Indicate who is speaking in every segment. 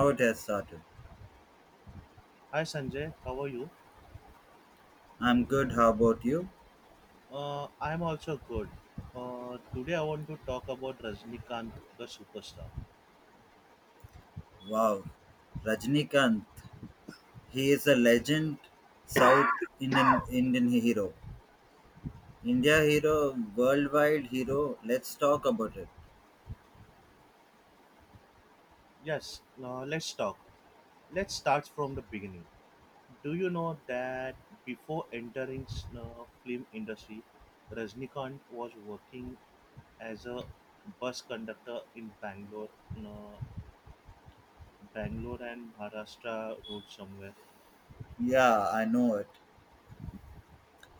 Speaker 1: How it has started.
Speaker 2: Hi Sanjay, how are you?
Speaker 1: I'm good. How about you?
Speaker 2: I'm also good. Today I want to talk about Rajnikant, the superstar.
Speaker 1: Wow, Rajnikant. He is a legend, South Indian Indian hero, India hero, worldwide hero. Let's talk about it.
Speaker 2: Yes, let's talk. Let's start from the beginning. Do you know that before entering film industry, Rajnikant was working as a bus conductor in Bangalore, uh, Bangalore and Maharashtra road somewhere.
Speaker 1: Yeah, I know it.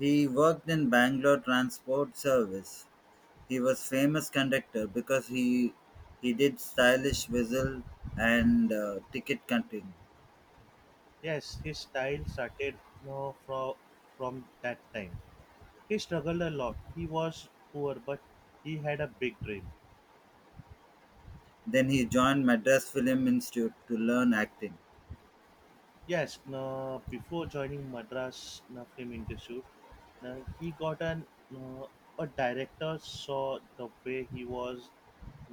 Speaker 1: He worked in Bangalore Transport Service. He was famous conductor because he did stylish whistle and ticket counting.
Speaker 2: Yes, his style started uh, from from that time. He struggled a lot. He was poor, but he had a big dream.
Speaker 1: Then he joined Madras Film Institute to learn acting.
Speaker 2: Yes, before joining Madras Film Institute, he got an uh, a director saw the way he was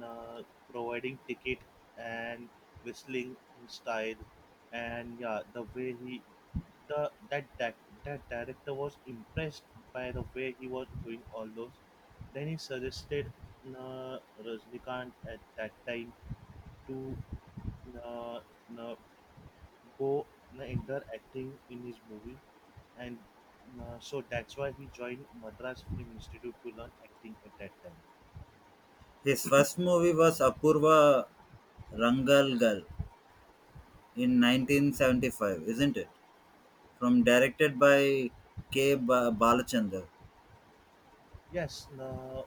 Speaker 2: uh, providing ticket and whistling in style, and yeah, the way he the that that that director was impressed by the way he was doing all those. Then he suggested uh, Rajnikant at that time to uh, uh, go enter acting in his movie and so that's why he joined Madras Film Institute to learn acting at that time.
Speaker 1: His first movie was Apurva Rangalgal in 1975, isn't it? From directed by K. Balachander.
Speaker 2: Yes,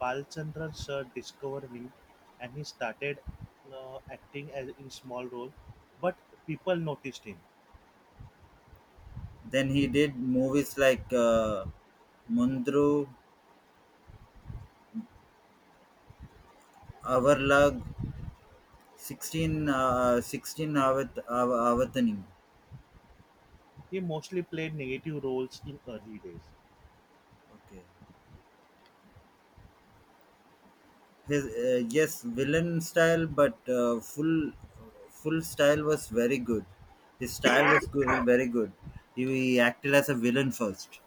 Speaker 2: Balchandran sir discovered him and he started acting as in small role but people noticed him.
Speaker 1: Then he did movies like Mundru, Avarlag, 16 Avataning.
Speaker 2: He mostly played negative roles in early days.
Speaker 1: Okay. Yes, villain style, but full full style was very good. His style was good, very good. He acted as a villain first,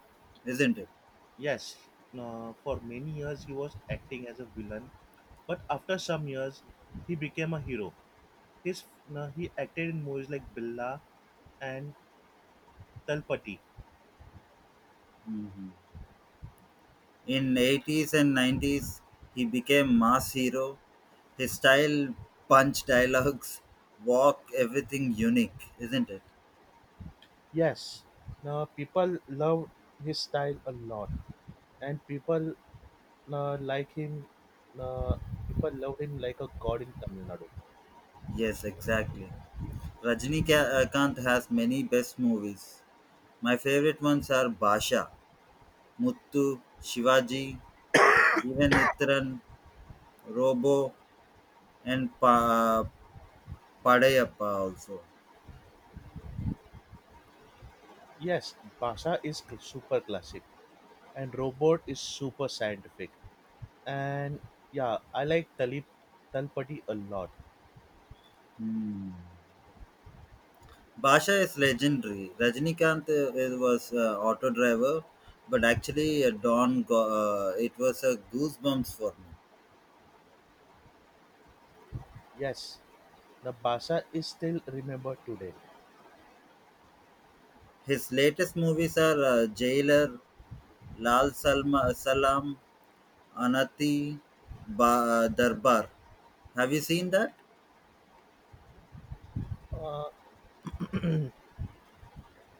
Speaker 1: isn't it?
Speaker 2: Yes, for many years he was acting as a villain, but after some years he became a hero. His now he acted in movies like Billa and Talpati.
Speaker 1: Mhm. In 80s and 90s, he became mass hero. His style, punch dialogues, walk, everything unique, isn't it?
Speaker 2: Yes, now people love his style a lot, and people like him. Uh, People love him like a god in Tamil Nadu.
Speaker 1: Yes, exactly. Rajnikant has many best movies. My favorite ones are Basha, Muttu, Shivaji, even Itran, Robo, and Padayappa also.
Speaker 2: Yes, Basa is super classic, and Robot is super scientific. And yeah, I like Talip Talpati a lot.
Speaker 1: Hmm. Basha is legendary. Rajinikanth it was auto driver, but actually it was a goosebumps for me.
Speaker 2: Yes, the Basa is still remembered today.
Speaker 1: His latest movies are Jailer, Lal Salma, Salam, Anati, Darbar. Have you seen that?
Speaker 2: Uh,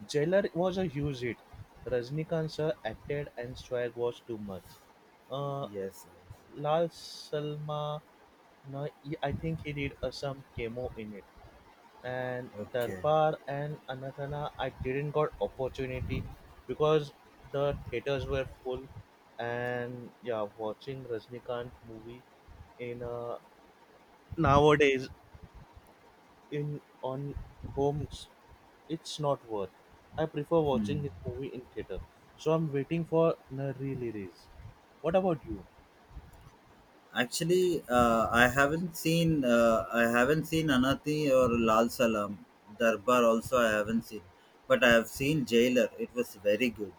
Speaker 2: Jailer was a huge hit. Rajnikant sir acted and swag was too much. Uh,
Speaker 1: Yes, yes.
Speaker 2: Lal Salma, no, I think he did some chemo in it. And
Speaker 1: Okay.
Speaker 2: Darbar and Anathana, I didn't got opportunity because the theaters were full. And yeah, watching Rajnikant movie in nowadays in on home it's not worth. I prefer
Speaker 1: Hmm.
Speaker 2: watching his movie in theater. So I'm waiting for a re-release. What about you?
Speaker 1: Actually, I haven't seen Anathi or Lal Salam. Darbar also I haven't seen, but I have seen Jailer. It was very good.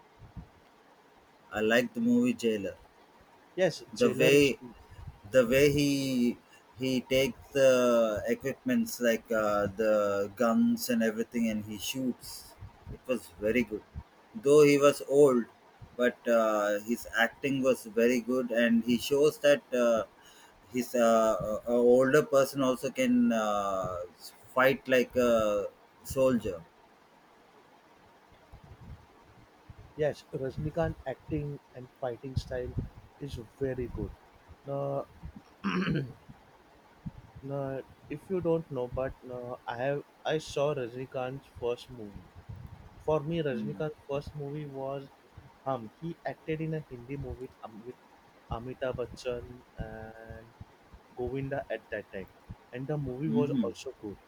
Speaker 1: I liked the movie Jailer,
Speaker 2: Yes,
Speaker 1: the
Speaker 2: Jailer is
Speaker 1: way
Speaker 2: good.
Speaker 1: the way he takes the equipments like the guns and everything, and he shoots. It was very good. Though he was old, but his acting was very good, and he shows that his a older person also can fight like a soldier.
Speaker 2: Yes, Rajnikant acting and fighting style is very good. Now, now, if you don't know, but no, I have I saw Rajnikant's first movie. For me, Rajnikant's first movie was Hum. He acted in a Hindi movie with, with Amitabh Bachchan and Govinda at that time, and the movie was
Speaker 1: Mm-hmm.
Speaker 2: also good.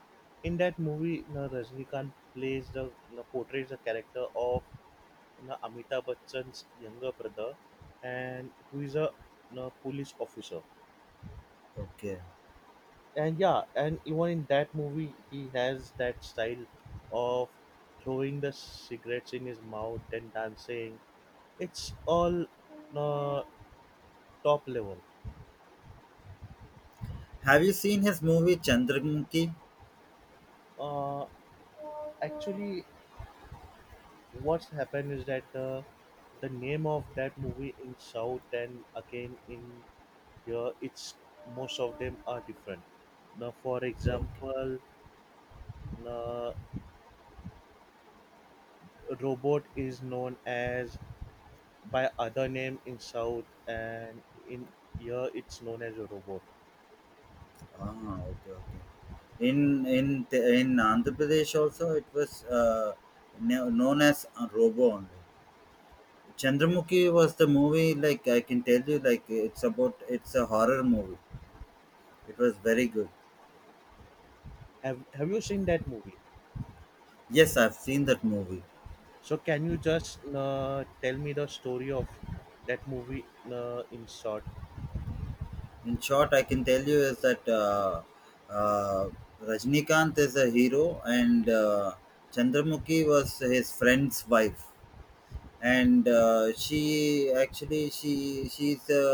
Speaker 2: In that movie, you know, Rajnikant plays the you portrays the character of you Amitabh Bachchan's younger brother, and who is a you police officer.
Speaker 1: Okay,
Speaker 2: And yeah, and even in that movie, he has that style of throwing the cigarettes in his mouth, then dancing. It's all uh, top level.
Speaker 1: have you seen his movie Chandramukhi?
Speaker 2: Uh, Actually, what's happened is that the name of that movie in south and again in here it's most of them are different now. For
Speaker 1: Okay.
Speaker 2: example, uh, robot is known as by other name in south and in here it's known as a robot.
Speaker 1: Okay. In Andhra Pradesh also it was known as a Robo only.
Speaker 2: Yes.
Speaker 1: Chandramukhi was the movie, like I can tell you, like it's about, it's a horror movie. It was very good.
Speaker 2: Have you seen that movie?
Speaker 1: Yes, I've seen that movie.
Speaker 2: So can you just tell me the story of that movie in short?
Speaker 1: In short, I can tell you is that uh, Rajnikant is a hero, and Chandramukhi was his friend's wife. And she actually, she's a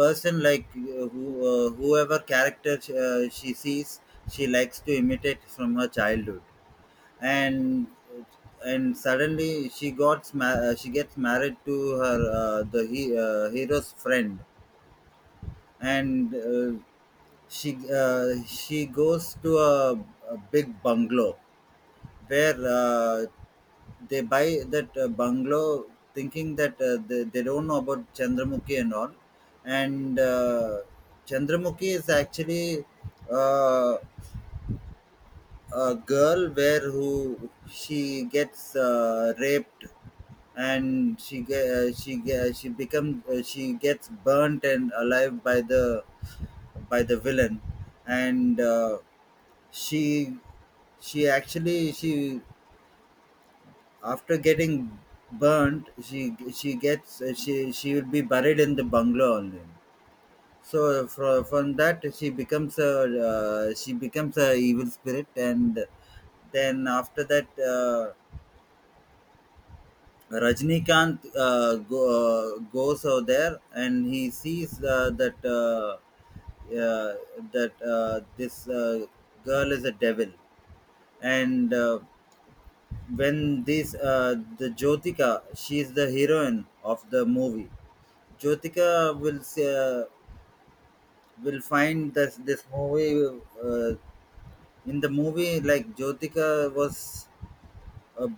Speaker 1: person like who whoever character she sees, she likes to imitate from her childhood. and and suddenly she gets married to her hero's friend. And she goes to a big bungalow where they buy that bungalow, thinking that they don't know about Chandramukhi and all. And Chandramukhi is actually uh, a girl where, who, she gets raped, and she ge- she ge- she becomes she gets burnt and alive by the villain. And she she actually she after getting burnt, she gets she will be buried in the bungalow only. So from that she becomes a evil spirit. And then after that Rajnikant goes over there, and he sees that uh, that this girl is a devil. And when this the Jyotika, she is the heroine of the movie. Jyotika will say, will find this this movie in the movie, like, Jyotika was a,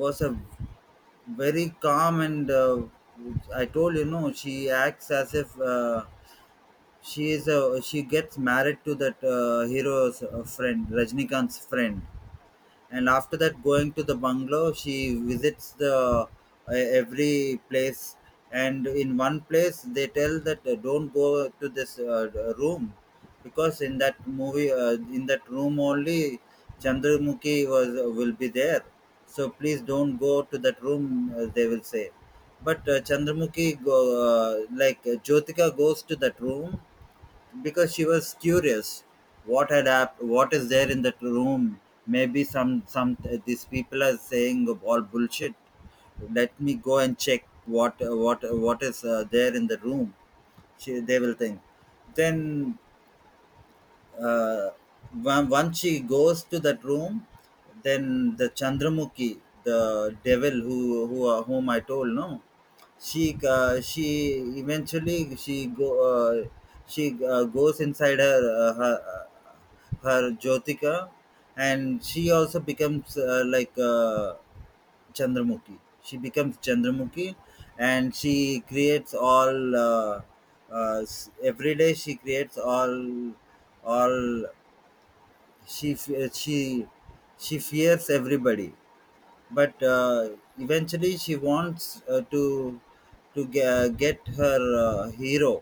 Speaker 1: a very calm and I told you, no, she acts as if she gets married to that hero's friend, Rajnikant's friend. And after that, going to the bungalow, she visits the every place. And in one place they tell that don't go to this room, because in that movie in that room only Chandramukhi was will be there, so please don't go to that room, they will say. But chandramukhi go, like Jyotika goes to that room because she was curious what what is there in that room. Maybe some these people are saying all bullshit. Let me go and check what what is there in the room, she, they will think. Then uh, once she goes to that room, then the Chandramukhi, the devil who whom I told, no, she she eventually she go she goes inside her, her Jyotika, and she also becomes Chandramukhi. She becomes Chandramukhi, and she creates all. Every day she creates all. she fe- she she fears everybody. But eventually she wants to get her hero,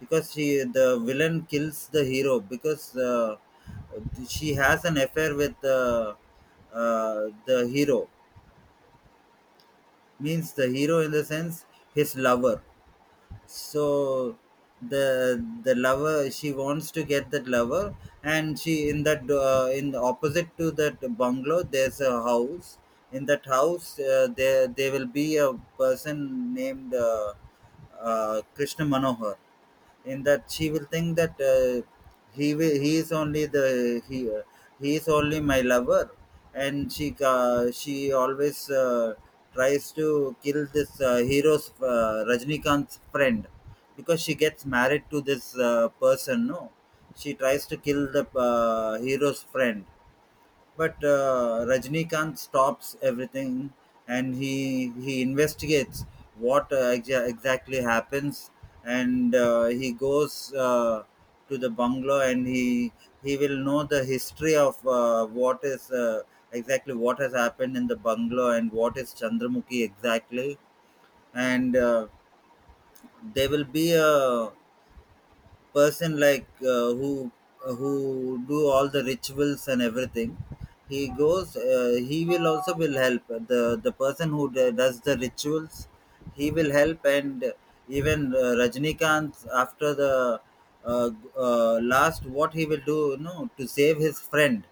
Speaker 1: because she, the villain kills the hero because she has an affair with the hero, means the hero in the sense his lover. So the lover, she wants to get that lover. And she, in that in the opposite to that bungalow, there's a house. In that house there will be a person named Krishna Manohar. In that she will think that he is only the he is only my lover. And she always tries to kill this hero's, Rajnikant's friend, because she gets married to this person, no, she tries to kill the hero's friend. But Rajnikant stops everything, and he investigates what exactly happens. And he goes to the bungalow, and he will know the history of what is exactly what has happened in the bungalow, and what is Chandramukhi exactly. And there will be a person like who do all the rituals and everything. He goes, he will also will help the person who does the rituals. He will help. And even Rajnikant, after the uh, last, what he will do, you know, to save his friend,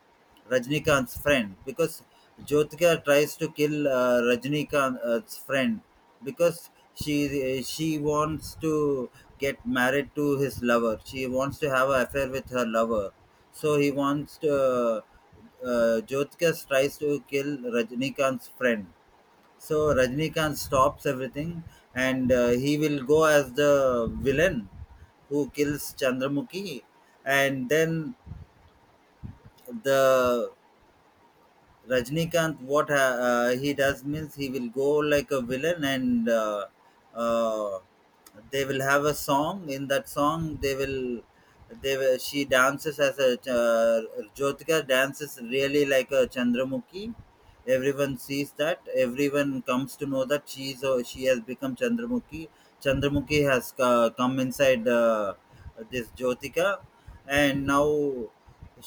Speaker 1: Rajnikant's friend, because Jyotika tries to kill Rajnikant's friend, because she wants to get married to his lover, she wants to have an affair with her lover. So he wants to Jyotika tries to kill Rajnikant's friend. So Rajnikant stops everything, and he will go as the villain who kills Chandramukhi. And then the Rajnikant, he does, means he will go like a villain. And uh, they will have a song. In that song, she dances as a Jyotika dances really like a Chandramukhi. Everyone sees that. Everyone comes to know that she has become Chandramukhi. Chandramukhi has come inside this Jyotika. And now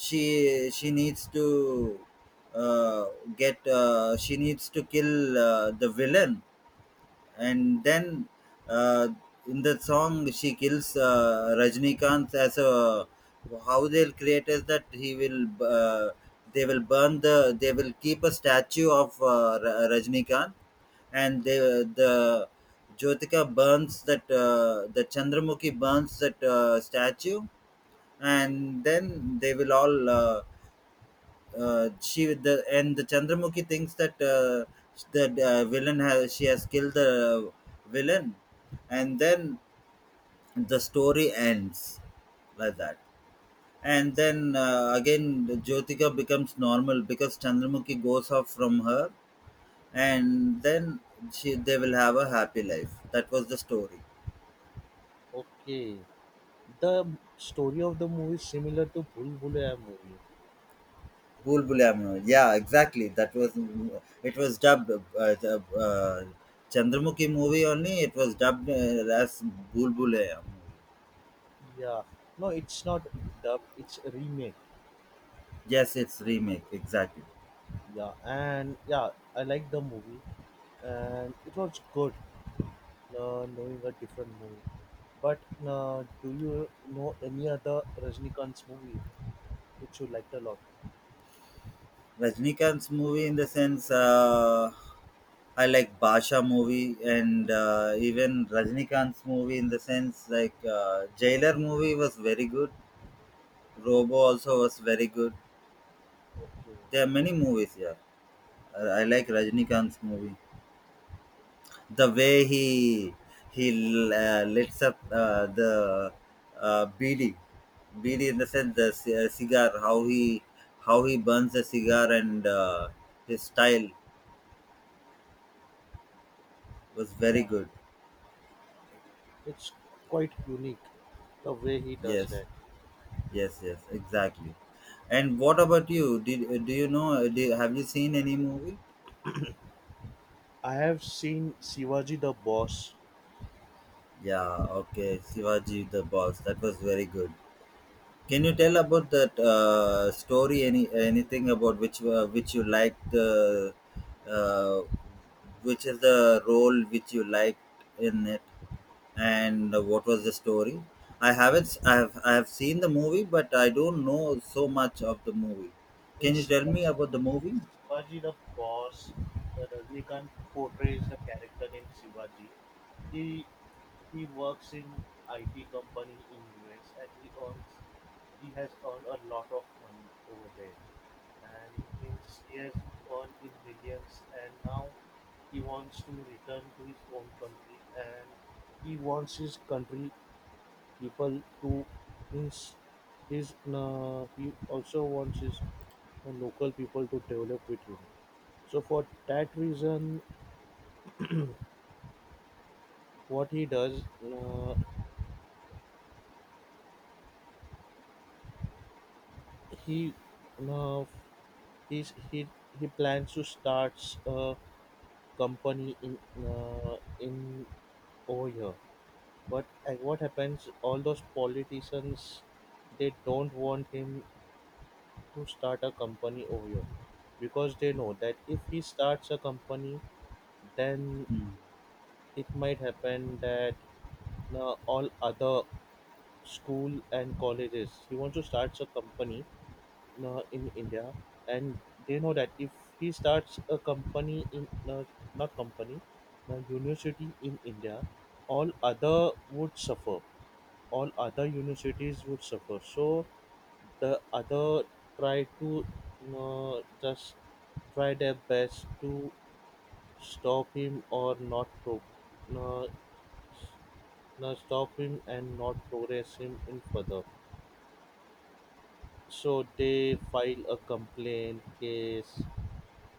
Speaker 1: she needs to uh, get she needs to kill the villain. And then uh, in the song, she kills Rajnikant. As a, how they'll create is that he will they will burn the they will keep a statue of Rajnikant, and they, the Jyotika burns that, the Chandramukhi burns that statue. And then they will all she with the and the Chandramukhi thinks that the villain has she has killed the villain. And then the story ends like that. And then again, Jyotika becomes normal, because Chandramukhi goes off from her. And then she they will have a happy life. That was the story.
Speaker 2: Okay. The story of the movie is similar to Bhul Bhulaiya movie.
Speaker 1: Bhul Bhulaiyaa. Yeah, exactly. That was It was dubbed, the, uh, Chandramukhi movie only. It was dubbed as Bhul Bhulaiyaa.
Speaker 2: Yeah. No, it's not dubbed, it's remade.
Speaker 1: Yes, it's remake exactly.
Speaker 2: Yeah. And yeah, I like the movie and it was good knowing a different movie. But do you know any other Rajnikant's movie which you liked a lot?
Speaker 1: Rajnikant's movie in the sense, I like Basha movie. And even Rajnikant's movie in the sense, like, Jailer movie was very good. Robo also was very good.
Speaker 2: Okay.
Speaker 1: There are
Speaker 2: Yeah.
Speaker 1: many movies here. I like Rajnikant's movie, the way he lights up the BD, BD in the sense the cigar, how he burns a cigar. And his style was
Speaker 2: Yeah,
Speaker 1: very good.
Speaker 2: it's quite unique the way he does
Speaker 1: Yes,
Speaker 2: that.
Speaker 1: yes, yes, exactly. And what about you? Did do you know? Do, Have you seen any movie?
Speaker 2: I have seen Shivaji the Boss.
Speaker 1: Yeah, okay, Shivaji the Boss. That was very good. Can you tell about that story? Any anything about which you liked? The uh, which is the role which you liked in it, and what was the story? I haven't. S- I have. I have seen the movie, but I don't know so much of the movie.
Speaker 2: In
Speaker 1: Can you tell me about the movie?
Speaker 2: Shivaji the Boss, Rajnikant portrays the character named Shivaji. He he works in IT company in US and he has earned a lot of money over there and means he has earned in millions, and now he wants to return to his own country and he wants his country people to means his he also wants his local people to develop with him. So for that reason, what he does, he uh, he's, he plans to start a company in uh, in over here. But what happens? All those politicians, they don't want him to start a company over here because they know that if he starts a company, then it might happen that all other school and colleges, he wants to start a company in India, and they know that if he starts a company in not company, a university in India, all other would suffer. All other universities would suffer. So the other try to just try their best to stop him or not to uh, s- stop him and not progress him in further. So they file a complaint case.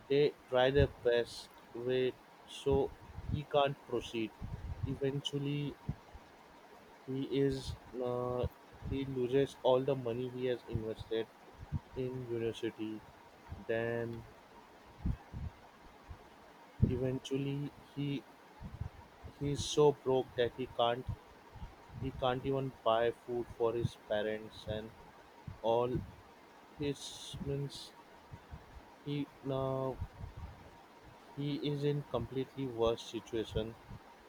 Speaker 2: They try their best with, so he can't proceed. Eventually, he is uh, he loses all the money he has invested in university. Then eventually he's so broke that he can't even buy food for his parents and all. His means he now he is in completely worst situation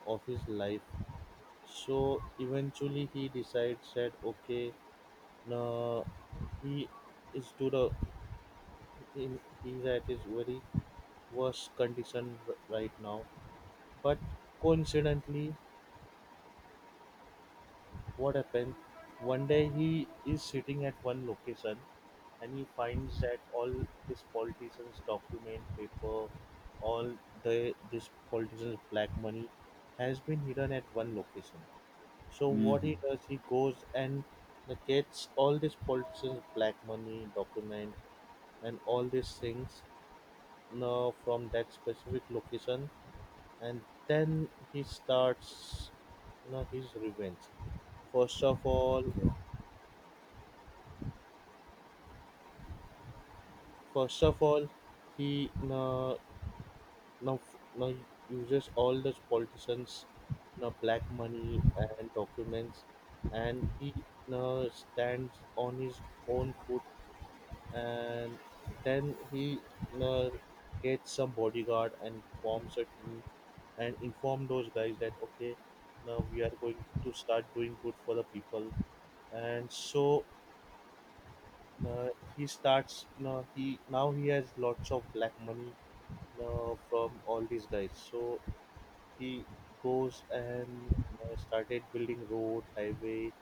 Speaker 2: of his life. So eventually he decides, said, okay, no, he is to the in, he's at his very worst condition right now. But coincidentally, what happened? One day he is sitting at one location and he finds that all these politicians' document, paper, all the this politicians' black money has been hidden at one location. So what
Speaker 1: Mm-hmm.
Speaker 2: he does, he goes and gets all these politicians' black money document and all these things now from that specific location, and then he starts now his revenge. First of all, first of all, he now now, now uses all those politicians' now black money and documents, and he now stands on his own foot and then he, you know, gets some bodyguard and forms a team and inform those guys that okay, now we are going to start doing good for the people. And so uh, he starts, you know, he now he has lots of black money, you, from all these guys. So he goes and started building road, highway,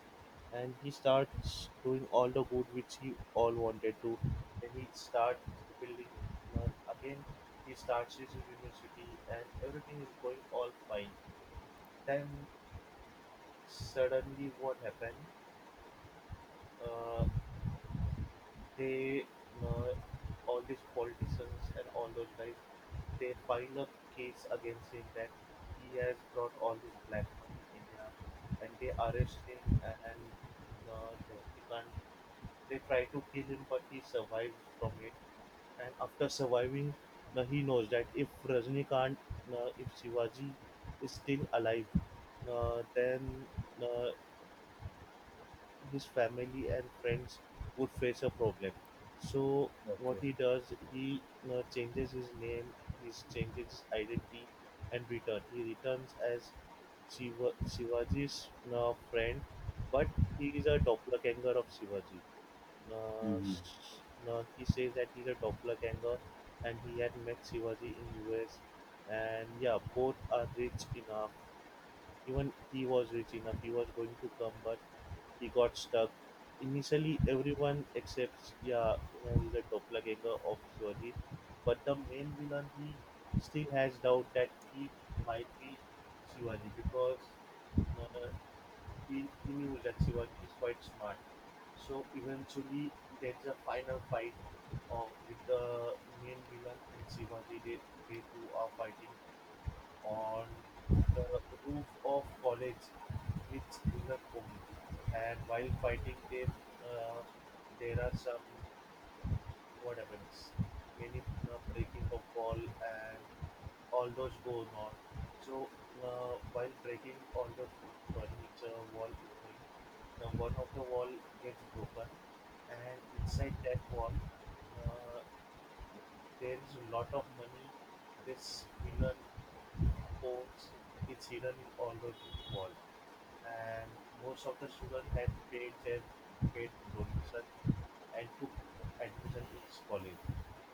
Speaker 2: and he starts doing all the good which he all wanted to. Then he start building again. He starts his university, and everything is going all fine. Then suddenly, what happened? Uh, they uh, all these politicians and all those guys, they file a case against him that he has brought all this black money in India, and they arrest him and uh, he can't they try to kill him but he survives from it. And after surviving, now he knows that if Rajnikant if Shivaji is still alive, then uh, his family and friends would face a problem. So
Speaker 1: Okay.
Speaker 2: what
Speaker 1: Okay.
Speaker 2: he does, he changes his name, he changes his identity, and return. He returns as Shivaji's friend, but he is a doppelganger of Shivaji. Uh,
Speaker 1: Mm-hmm.
Speaker 2: s- he says that he's a doppelganger, and he had met Shivaji in US, and yeah, both are rich enough, even he was rich enough, he was going to come, but he got stuck. Initially, everyone accepts, yeah, you know, he's a doppelganger of Shivaji, but the main villain, he still has doubt that he might be Shivaji because you know, he knew that Shivaji is quite smart. So eventually, there's a final fight with the main villain and Shivaji. They two are fighting on the roof of college, which villain owns? And while fighting, uh, there are some, what happens, many breaking of wall and all those going on. So while breaking all those furniture, wall is going, the one of the wall gets broken, and inside that wall, uh, there is a lot of money. This villain poems is hidden in all those walls, and most of the students had paid their paid donation and took admission in college.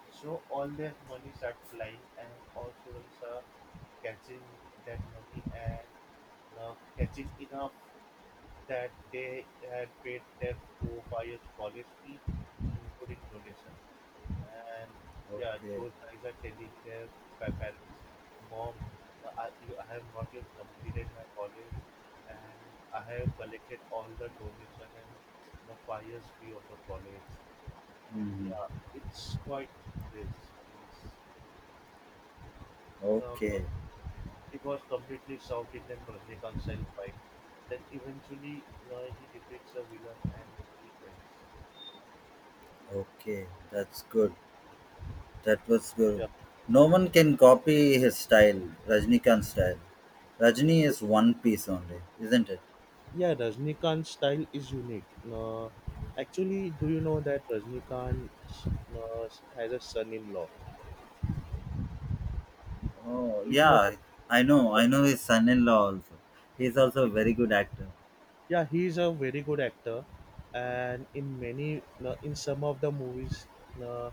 Speaker 2: So all their money start flying, and all students are catching that money and catching enough that they had paid their for buyers college fee, including donation. And yeah,
Speaker 1: Okay.
Speaker 2: those guys are telling their parents, Mom, no, I have not even completed my college and I have collected all the donation and the 5 years fee of the college. And yeah,
Speaker 1: Mm-hmm.
Speaker 2: it's quite this. It's, no,
Speaker 1: Okay.
Speaker 2: it was completely South Indian was reconciled by. Then eventually, he depicts a villain and movie ends.
Speaker 1: Okay, that's good. That was good.
Speaker 2: Yeah.
Speaker 1: No one can copy his style, Rajnikant's style. Rajni is one piece only, isn't it?
Speaker 2: Yeah, Rajnikant's style is unique. Actually, do you know that Rajnikant uh, has a son-in-law?
Speaker 1: Oh,
Speaker 2: Do you know
Speaker 1: yeah, I know.
Speaker 2: that?
Speaker 1: I know his son in law also. He's also a very good actor.
Speaker 2: Yeah, he is a very good actor, and in many, in some of the movies, uh,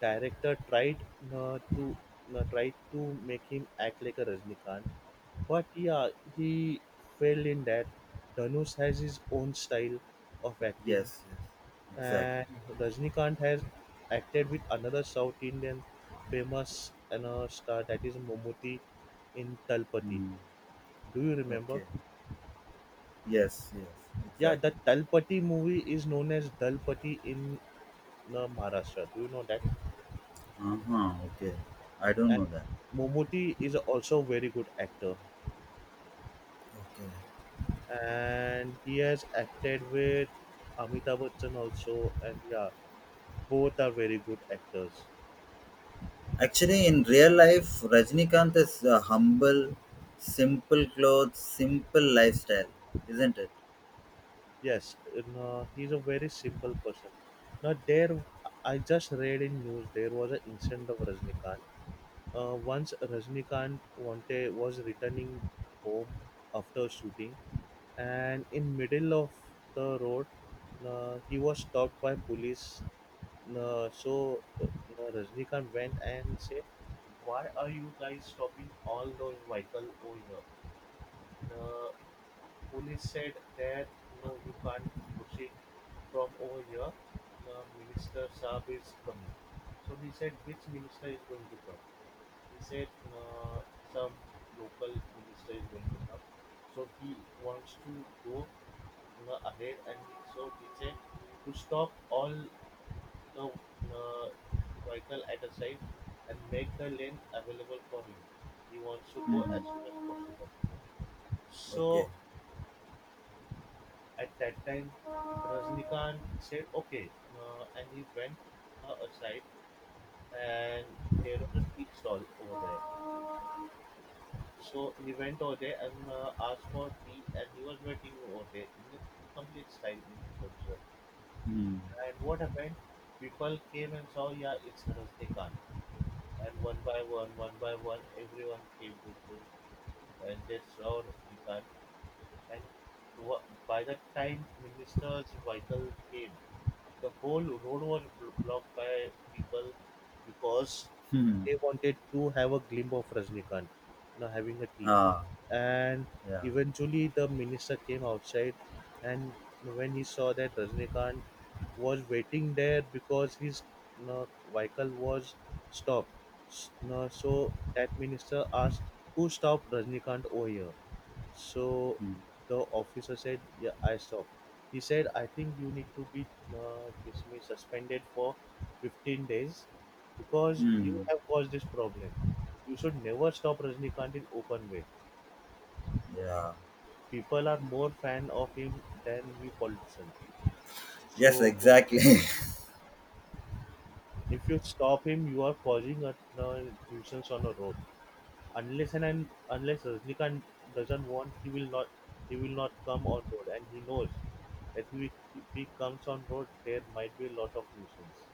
Speaker 2: director tried to tried to make him act like a Rajnikant. But yeah, he failed in that. Dhanush has his own style of acting,
Speaker 1: Yes, yes, exactly.
Speaker 2: and Rajnikant has acted with another South Indian famous and star, that is Momoty, in Talpati.
Speaker 1: Hmm.
Speaker 2: Do you remember?
Speaker 1: Okay. Yes, yes,
Speaker 2: Yeah, the
Speaker 1: exactly.
Speaker 2: Talpati movie is known as Dalpati in Maharashtra. Do you know that?
Speaker 1: Uh huh. Okay. I don't
Speaker 2: And
Speaker 1: know that.
Speaker 2: Momoty is also a very good actor,
Speaker 1: Okay.
Speaker 2: and he has acted with Amitabh Bachchan also, and yeah both are very good actors.
Speaker 1: Actually, in real life, Rajnikant is humble, simple clothes, simple lifestyle, isn't it?
Speaker 2: Yes, and, he's a very simple person. Now there, I just read in news there was an incident of Rajnikant. Once Rajnikant wanted was returning home after shooting, and in middle of the road, he was stopped by police. Uh, so uh, Rajnikant went and said, "Why are you guys stopping all those vehicle over here?" The Police said that no you can't proceed from over here. The minister Saab is coming. So he said which minister is going to come? He said uh, some local minister is going to come. So he wants to go ahead and he said to stop all the vehicle at a side and make the lane available for him. He wants to go as
Speaker 1: Hmm.
Speaker 2: soon as possible.
Speaker 1: Okay.
Speaker 2: So at that time, Rajnikant said okay and he went aside and there was a tea stall over there. So he went over there and asked for tea and he was waiting over there in a complete style in his position.
Speaker 1: Hmm.
Speaker 2: And what happened? People came and saw, yeah, it's Rajnikant. And one by one, everyone came to see and they saw Rajnikant. And wha- by the time minister's vehicle came, the whole road was blocked by people because
Speaker 1: Hmm. Hmm.
Speaker 2: they wanted to have a glimpse of Rajnikant, you know, having a tea.
Speaker 1: Ah,
Speaker 2: And
Speaker 1: yeah,
Speaker 2: eventually, the minister came outside, and when he saw that Rajnikant was waiting there because his you know, vehicle was stopped, you know, so that minister asked, "Who stopped Rajnikant over here?" So
Speaker 1: hmm,
Speaker 2: the officer said, "Yeah, I stopped." He said, I think you need to be dismissed, suspended for 15 days because
Speaker 1: hmm,
Speaker 2: you have caused this problem. You should never stop Rajnikant in open way.
Speaker 1: yeah.
Speaker 2: People are more fan of him than we politicians.
Speaker 1: Yes,
Speaker 2: So
Speaker 1: exactly.
Speaker 2: if you stop him, you are causing a nuisance on the road. Unless and unless Rajnikant doesn't want, he will not come on road, and he knows that if he comes on road, there might be a lot of nuisance.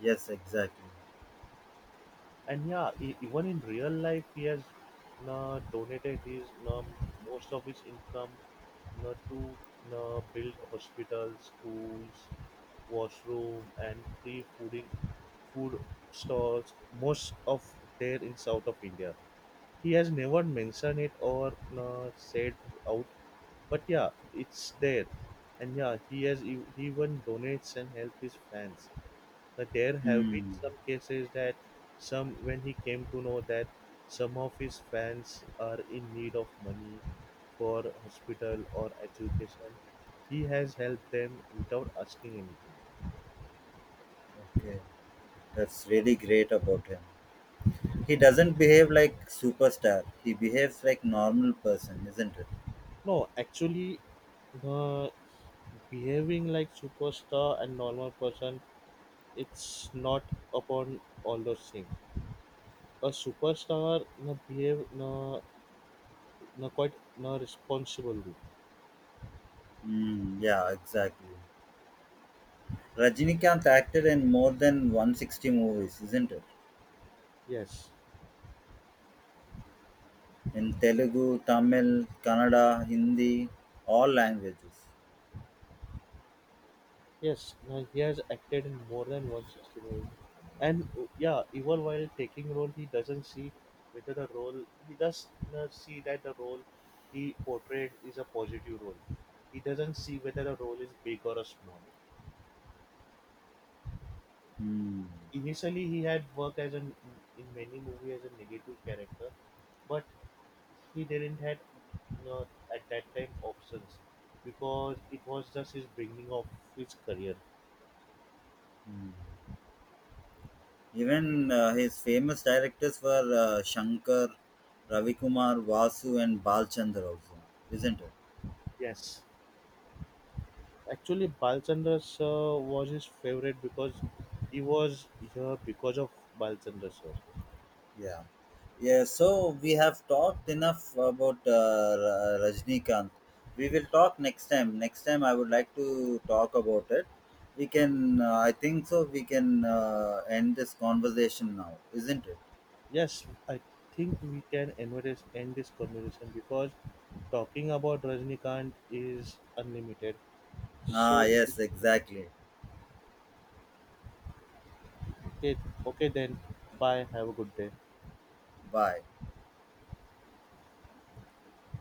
Speaker 1: Yes, exactly.
Speaker 2: And yeah, even in real life he has donated his most of his income to build hospitals schools washroom and free fooding food stores most of there in south of india he has never mentioned it or said out but yeah it's there. And yeah he has he even donates and help his fans but there have been
Speaker 1: Hmm.
Speaker 2: some cases that some when he came to know that some of his fans are in need of money for hospital or education, he has helped them without asking anything.
Speaker 1: Okay, that's really great about him. He doesn't behave like superstar. He behaves like normal person, isn't it?
Speaker 2: No, actually the behaving like superstar and normal person it's not upon all those things. A superstar na behave na na quite na responsibly.
Speaker 1: Hmm. Yeah, exactly. Rajinikanth acted in more than 160 movies, isn't it?
Speaker 2: Yes.
Speaker 1: In Telugu, Tamil, Kannada, Hindi, all languages.
Speaker 2: Yes, he has acted in more than 160 movies. And yeah, even while taking role, he does not see that the role he portrayed is a positive role. He doesn't see whether the role is big or a small.
Speaker 1: Hmm.
Speaker 2: Initially, he had worked as an, in many movies as a negative character, but he didn't had you know, at that time options because it was just his beginning of his career.
Speaker 1: Hmm. Even his famous directors were Shankar, Ravi Kumar, Vasu, and Balchander also, isn't it?
Speaker 2: Yes. Actually, Balchandras was his favorite because he was here because of Balchandras. Sir.
Speaker 1: Yeah. Yeah, so we have talked enough about Rajnikant. We will talk next time. Next time, I would like to talk about it. We can, I think so, we can end this conversation now, isn't it?
Speaker 2: Yes, I think we can end this conversation because talking about Rajnikant is unlimited.
Speaker 1: Ah,
Speaker 2: So,
Speaker 1: yes, exactly.
Speaker 2: okay, okay then. Bye. Have a good day.
Speaker 1: Bye.